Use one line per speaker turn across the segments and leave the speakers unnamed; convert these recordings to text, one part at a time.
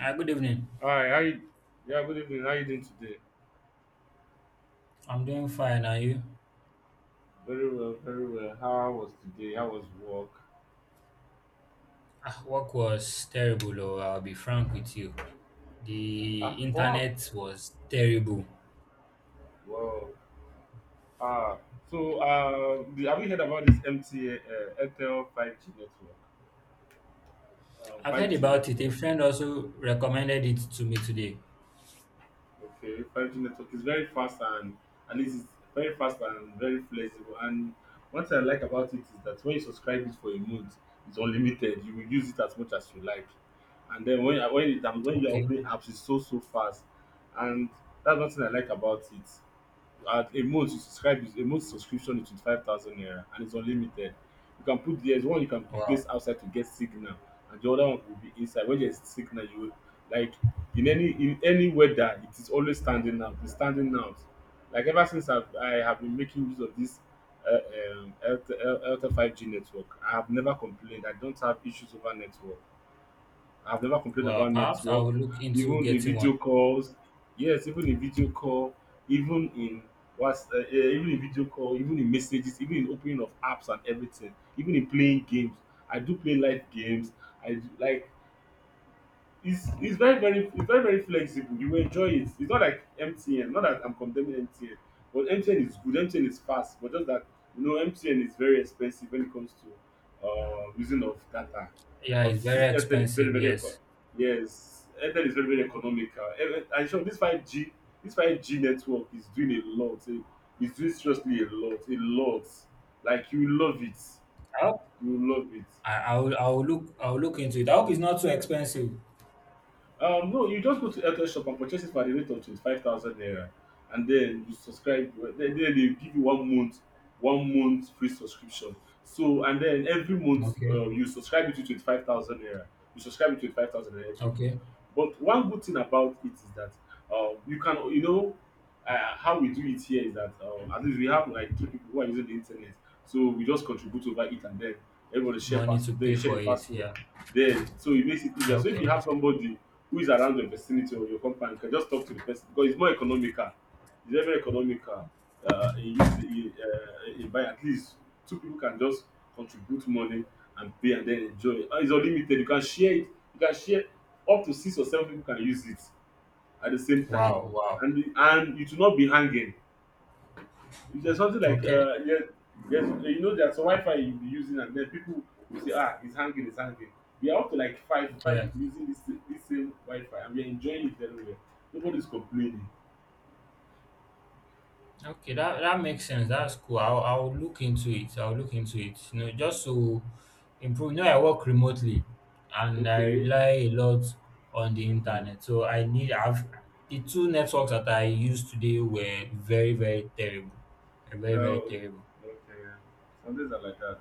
Hi, good evening.
Hi, how you? Yeah, good evening. How you doing today?
I'm doing fine. Are you?
Very well, very well. How was today? How was work?
Work was terrible, or I'll be frank with you.
Ah,
The
what happened?
internet was terrible.
Wow. Ah, so have you heard about this MTA Airtel 5G network?
I've heard
5G
about it. A
network.
friend also recommended it to me today.
Okay, 5G network is very fast and it is very fast and very flexible. And one thing I like about it is that when you subscribe it for a month, it's unlimited. You will use it as much as you like. And then when you are
Okay.
opening apps, it's so fast. And that's one thing I like about it. At a month you subscribe, a month subscription is 25,000 naira, and it's unlimited. You can put, there is one you can
Wow.
place outside to get signal, and the other one will be inside when there is signal. You will, like, in any weather, it is always standing out, it's standing out. Like ever since I have been making use of this airtel 5G network, I have never complained. I don't have issues over network. I've never complained
Well,
about
perhaps I
network,
will look into
even in
getting one.
video calls. Yes, even in video call, even in even in video call, even in messages, even in opening of apps and everything, even in playing games. I do play live games. I do, like, it's very very flexible. You will enjoy it. It's not like MTN. Not that I'm condemning MTN, but MTN is good. MTN is fast, but just that you know MTN is very expensive when it comes to using of data.
Yeah,
But
it's very
this Airtel is
expensive.
very very
Yes.
yes, Airtel is very very economical. I'm sure this 5G this 5G network is doing a lot. It's doing seriously a lot, a lot. Like you will love it,
I hope
you will love it.
I will. I will look into it. I hope it's not too expensive.
No, you just go to Airtel shop and purchase it for the rate of 25,000 naira, and then you subscribe. Well, then they give you one month free subscription. So and then every month
Okay.
you subscribe it to 25,000 naira. You subscribe it to 25,000 naira every month.
Okay.
But one good thing about it is that you can, you know, how we do it here is that at least we have like three people who are using the internet, so we just contribute over it, and then everybody share
Money
pass,
to
they
pay
share
for
the
it.
password.
Yeah.
There, so it makes it easier. So if
Okay.
you have somebody who is around your vicinity or your company, you can just talk to the person, because it's more economical, it's very very economical. In use in buy, at least two people can just contribute money and pay and then enjoy, and it's unlimited. You can share it. You can share, up to six or seven people can use it at the same time.
Wow. Wow.
And it will not be hanging. Is there something like
Okay.
yes, yes, you know there's a Wi-Fi you'll be using, and then people will say, ah, it's hanging, it's hanging. We are up to like five
Yeah.
people using this same Wi-Fi, and we're enjoying it very well. Nobody's complaining.
Okay, that makes sense. That's cool. I'll look into it. I'll look into it. Just to improve. I work remotely, and I
Okay.
rely a lot on the internet. So I need. I've The two networks that I used today were very very terrible. They're very very
No,
terrible.
okay, yeah. Some days are like that.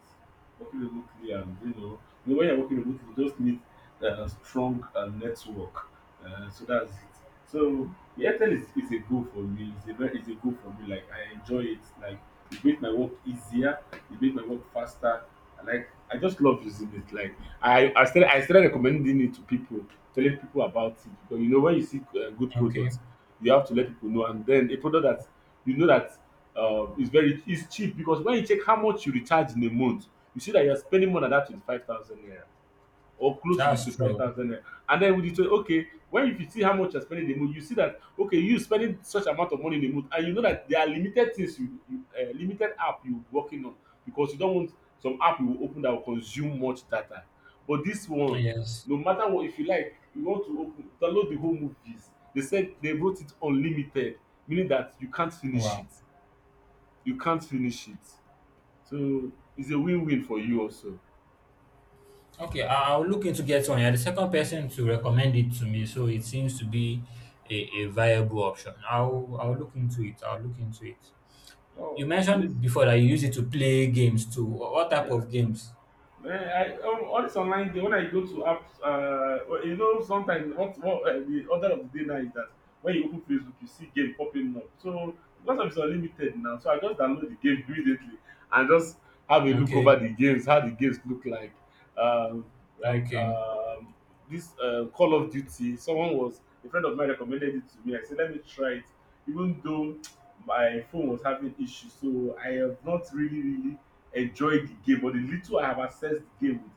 Working remotely, and when you're working remotely, you just need a strong network. So that's it. So Airtel is a goal for me. It's a goal for me. Like I enjoy it. Like it makes my work easier. It makes my work faster. I Like I just love using it. Like I started recommending it to people, telling people about it, because you know when you see good
Okay,
products, you have to let people know. And then a product that you know that it's very it's cheap because when you check how much you recharge in a month, you see that you're spending more than that 25,000 naira, or close to the
that's
twenty five
true.
thousand naira. And then with the 20, okay, when, if you see how much you're spending in a month, you see that okay, you spending such amount of money in a month, and you know that there are limited things you, limited app you working on, because you don't want some app you will open that will consume much data. But this one,
Yes.
no matter what, if you like, you want to open, download the whole movies. They said they wrote it unlimited, meaning that you can't
Oh,
finish it,
wow.
you can't finish it. So it's a win-win for you also.
Okay, I'll look into get one. You're the second person to recommend it to me, so it
Mm.
seems to be a, a viable option. I'll look into it. I'll look into it.
Oh,
You
and it's,
mentioned before that you use it to play games too. What type
yeah.
of games?
Eh, all this online thing, when I go to apps, well, you know, sometimes what the order of the day now is that when you open Facebook, you see game popping up. So because of it's unlimited now, so I just download the game immediately, and just have a look
Okay,
over the games, how the games look like. Um, like
okay.
this Call of Duty, someone was a friend of mine recommended it to me. I said, let me try it, even though my phone was having issues, so I have not really, really enjoyed the game. But the little I have accessed the game with,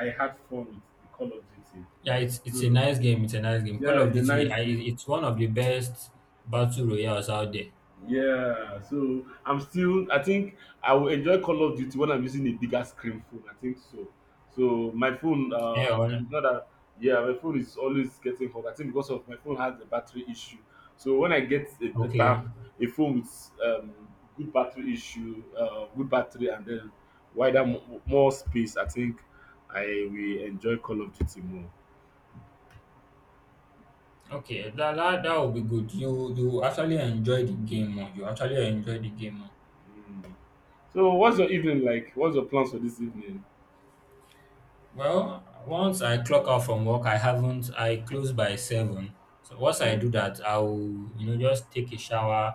I had fun with the Call of Duty.
Yeah, it's a
So
nice game. It's a nice game. Call
yeah,
of
it's a
Duty.
nice game.
It's one of the best battle royales out there.
Yeah, so I'm still, I think I will enjoy Call of Duty when I'm using a bigger screen phone. I think so. So my phone
Yeah. Well,
is not that, yeah, my phone is always getting hot. I think because of my phone has a battery issue. So when I get
okay.
a phone with good battery issue, good battery, and then wider more space, I think I will enjoy Call of Duty more.
Okay. That would be good. You actually enjoy the game more. You actually enjoy the game more.
Mm. So what's your evening like? What's your plans for this evening?
Well, once I clock out from work, I haven't. I close by seven. So once I
Mm.
do that, I'll just take a shower,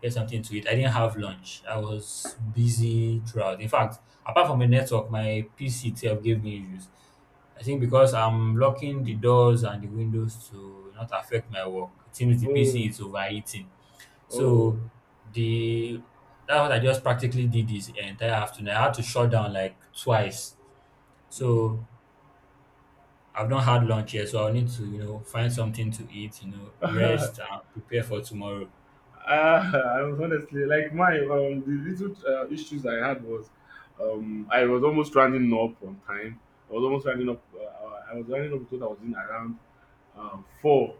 get something to eat. I didn't have lunch. I was busy throughout. In fact, apart from the network, my PC itself gave me issues. I think because I'm locking the doors and the windows to not affect my work. It seems the PC
Oh,
is overheating.
oh.
So the that's what I just practically did this entire afternoon. I had to shut down like twice.
Mm.
So I've not had lunch yet, so I'll need to, find something to eat, rest and prepare for tomorrow.
Uh, I was honestly like my the little issues I had was I was almost running up on time. I was almost running up. I was running up to, I was in around four.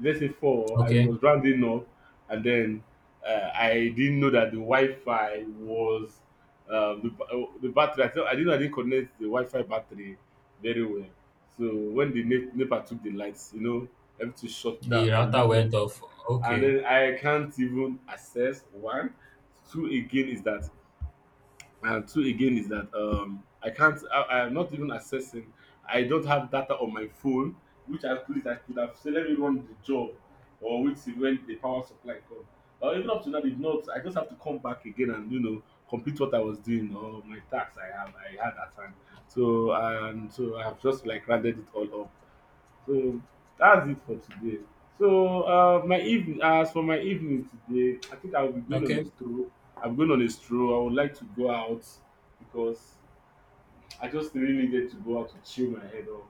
Let's say four. I
Okay.
was rounding up, and then I didn't know that the Wi-Fi was the the battery. I thought, I didn't know I didn't connect the Wi-Fi battery very well. So when the NEPA took the lights, everything shut
The
down. I
router
lose
went
everything.
off.
And
Okay.
then I can't even access one. Two again is that, and two again is that I can't. I'm not even accessing. I don't have data on my phone, which I could have said, let me run the job, or which is when the power supply comes. Or even up to now, if not, I just have to come back again and complete what I was doing, or my tasks I had at time. So and so I have just like rounded it all up. So that's it for today. So as for my evening today, I think I will be going on
Okay.
a stroll. I'm going on a stroll. I would like to go out, because I just really needed to go out to chill my head off.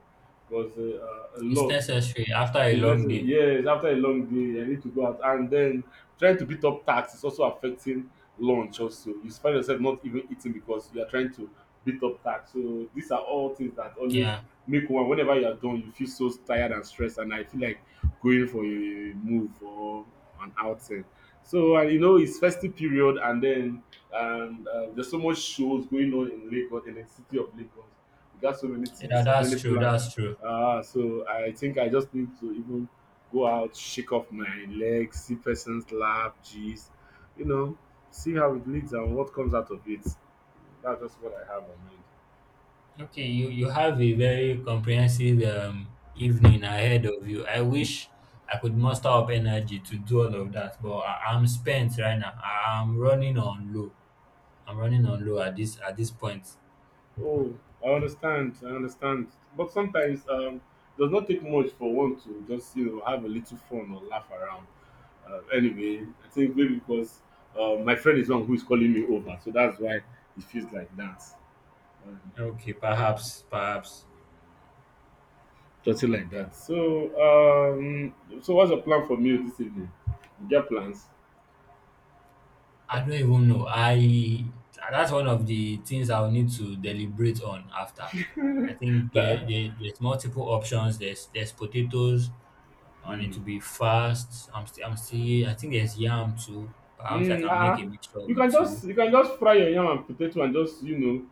Because a
It's
lot,
necessary after a
it's
long
necessary.
day.
Yes, after a long day, I need to go out. And then trying to beat up tax is also affecting lunch also. You find yourself not even eating because you are trying to beat up tax. So these are all things that always
Yeah.
make one, whenever you are done, you feel so tired and stressed. And I feel like going for a move or an outing. So and it's festive period, and then there's so much shows going on in Lagos, in the city of Lagos. We got so many
Yeah,
things, so many
that's true.
plans.
That's true.
Ah, so I think I just need to even go out, shake off my legs, see persons laugh, geez, you know, see how it leads and what comes out of it. That's just what I have on mind.
Okay, you have a very comprehensive evening ahead of you. I wish I could muster up energy to do all of that, but I'm spent right now. I'm running on low. I'm running on low at this point.
Oh, I understand, I understand. But sometimes it does not take much for one to just have a little fun or laugh around. Anyway, I think maybe because my friend is one who is calling me over, so that's why it feels like that. Uh,
Okay, perhaps, perhaps.
Something like that. So, what's your plan for meal this evening? You get plans?
I don't even know. I That's one of the things I'll need to deliberate on after. I think there,
that,
there there's multiple options. There's potatoes. I need
mm,
to be fast. I'm still. I think there's yam too. Perhaps I can make a
ah,
mixture of the two.
you can just fry your yam and potato and just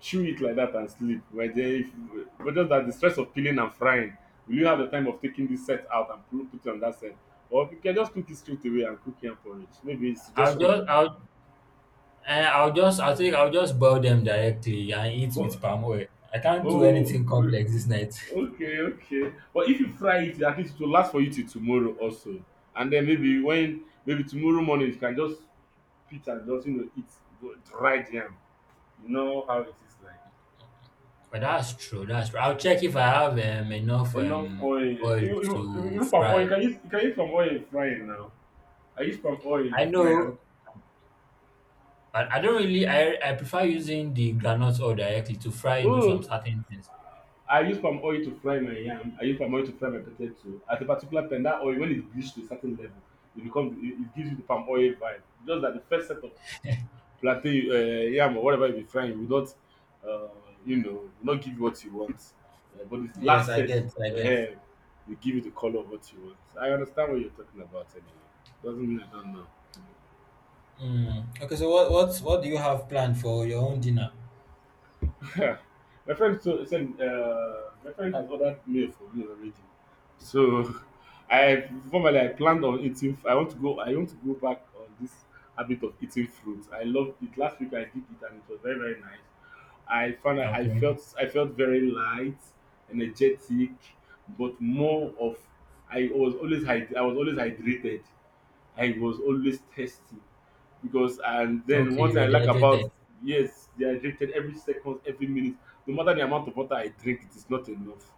chew it like that and sleep. But then if but just that the stress of peeling and frying, will you have the time of taking this set out and put it on that set? Or you can just cook it straight away and cook yam porridge. Maybe it's
I'll
suggestion like
just I'll eh, I'll just I think I'll just boil them directly and eat
that.
with palm oil. I can't do
Oh,
anything
w-
complex this night.
okay, okay. But if you fry it, at least it will last for you till tomorrow also. And then maybe tomorrow morning you can just pit and just eat dry jam. You know how it is like.
But that's true. That's true. I'll check if I have enough
Enough oil. You,
oil
you, you,
to
you palm oil. You
fry.
can use you can use palm oil in frying now. I use palm oil
I
in
know
frying.
I don't really I prefer using the granite oil directly to fry some
Oh,
certain things.
I use palm oil to fry my yam. I use palm oil to fry my potato. At a particular point, that oil when it's bleached to a certain level, it gives you the palm oil vibe. Just that the first set of plantain yam or whatever you be frying will not um you know will not give you what you want but this
Yes,
last
I
set
get, I get.
um will give you the colour of what you want. I understand what you're talking about anyway. Doesn't mean I don't know.
Mm. Okay, so what do you have planned for your own dinner?
My friend has ordered meal for me already. So I planned on eating I want to go back on this habit of eating fruits. I loved it. Last week I did it and it was very very nice. I
Okay.
felt I felt very light, energetic, but more of I was always I was always hydrated. I was always thirsty because and then
Okay,
one
you
thing
were
I like about
dehydrated.
yes, dehydrated every second, every minute, no matter the amount of water I drink, it is not enough.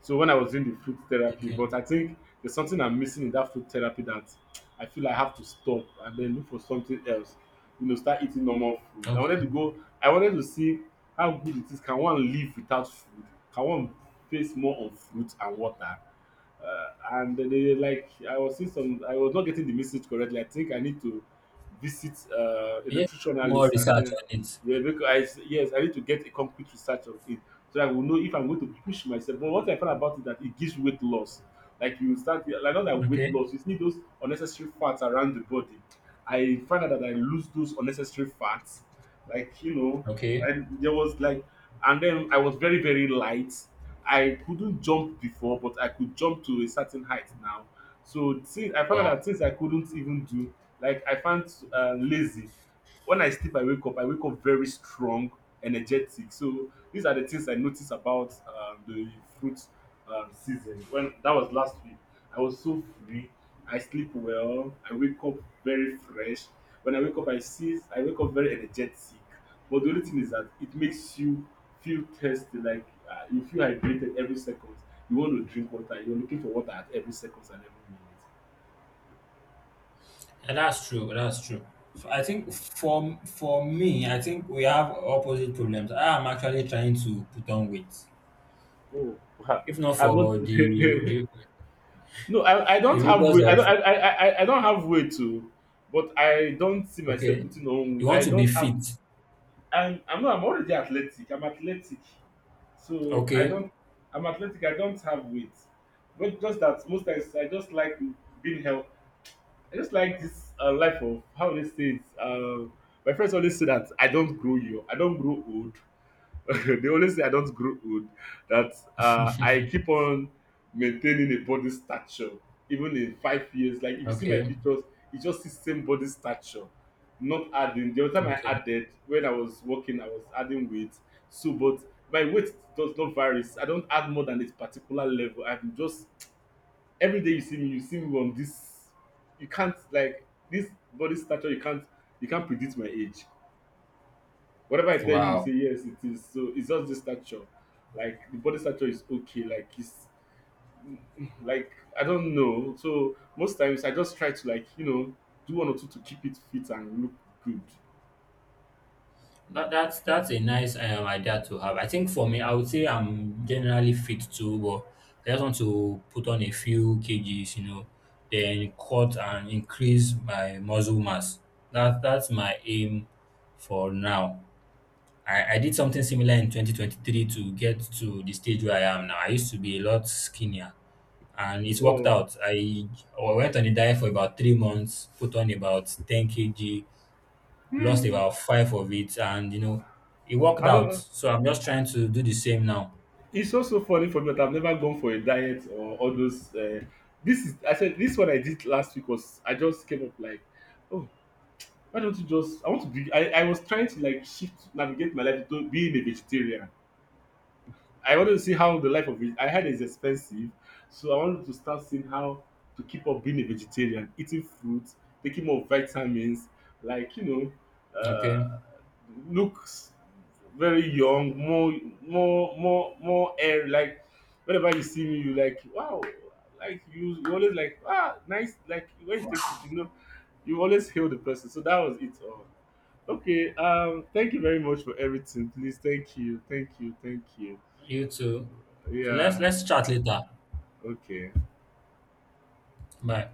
So when I was doing the food therapy,
Okay.
but I think there's something I'm missing in that food therapy that I feel I have to stop and then look for something else. You know, start eating normal food. I
Okay.
wanted to go. I wanted to see how good it is. Can one live without food? Can one face more on fruit and water? uh, and they like I was seeing some. I was not getting the message correctly. I think I need to visit a
Yeah. More
nutritionalist and
research
then
on it.
yeah, because yes, I need to get a complete research of it so I will know if I'm going to push myself. But what I found about it that it gives weight loss. Like you start like not like weight
Okay.
loss, you see those unnecessary fats around the body. I find out that I lose those unnecessary fats. Like, you know,
Okay.
and there was like and then I was very, very light. I couldn't jump before, but I could jump to a certain height now. So since I found out
Wow.
that things I couldn't even do, like I found lazy. When I sleep, I wake up very strong, energetic. So these are the things I noticed about the fruit season. When that was last week, I was so free. I sleep well. I wake up very fresh. When I wake up, I wake up very energetic. But the only thing is that it makes you feel thirsty, like you feel hydrated every second. You want to drink water. You're looking for water at every second and
And that's true. That's true. So I think for me, I think we have opposite problems. I am actually trying to put on weight.
every minute. Oh,
If not
I've not.
for the the,
No, I
the
don't have
rigors
way. I
of.
don't. I don't have way to, but I don't see myself
Okay.
putting
You
on.
want
I
to be
don't have.
fit.
I'm. I'm not. I'm already athletic. I'm athletic, so I
Okay.
don't. I'm athletic. I don't have weight, but just that most times I just like being healthy. I just like this life of how they say it. My friends always say that I don't grow young. I don't grow old. They always say I don't grow old, that I keep on maintaining a body stature, even in 5 years. Like if you see my
Okay.
pictures, it's just the same body stature, not adding. The other time I
Okay.
added when I was working, I was adding weight. So, but my weight does not vary. I don't add more than a particular level. I'm just every day you see me on this. You can't like this body stature. You can't predict my age. Whatever I tell you, you
Wow.
say yes, it is. So it's just the stature. Like the body stature is okay. Like it's mm, like I don't know. So most times I just try to like do one or two to keep it fit and look good.
That's a nice idea to have. I think for me, I would say I'm generally fit too, but I just want to put on a few kgs, then cut and increase my muscle mass. That's my aim for now. I did something similar in 2023 to get to the stage where I am now. I used to be a lot skinnier. And it worked
Oh,
out. I went on a diet for about 3 months, put on about 10 kg, lost about five of it, and it worked
I've
out.
never.
So I'm just trying to do the same now.
It's also funny for me that I've never gone for a diet or all those. This is I said this one I did last week was I just came up like, oh, why don't you just? I want to be. I was trying to like shift navigate my life to being a vegetarian I wanted to see how the life of it. I heard it's expensive, so I wanted to start seeing how to keep up being a vegetarian, eating fruit, taking more vitamins, like know,
Okay,
uh, looks very young, more air. Like whenever you see me, you like wow, like you always like ah nice. Like when you take food, you know, you always hail the person. So that was it all. Okay, thank you very much for everything. Please, thank you, thank you, thank you.
you too. So let's
Yeah.
let's chat later.
Okay.
Bye.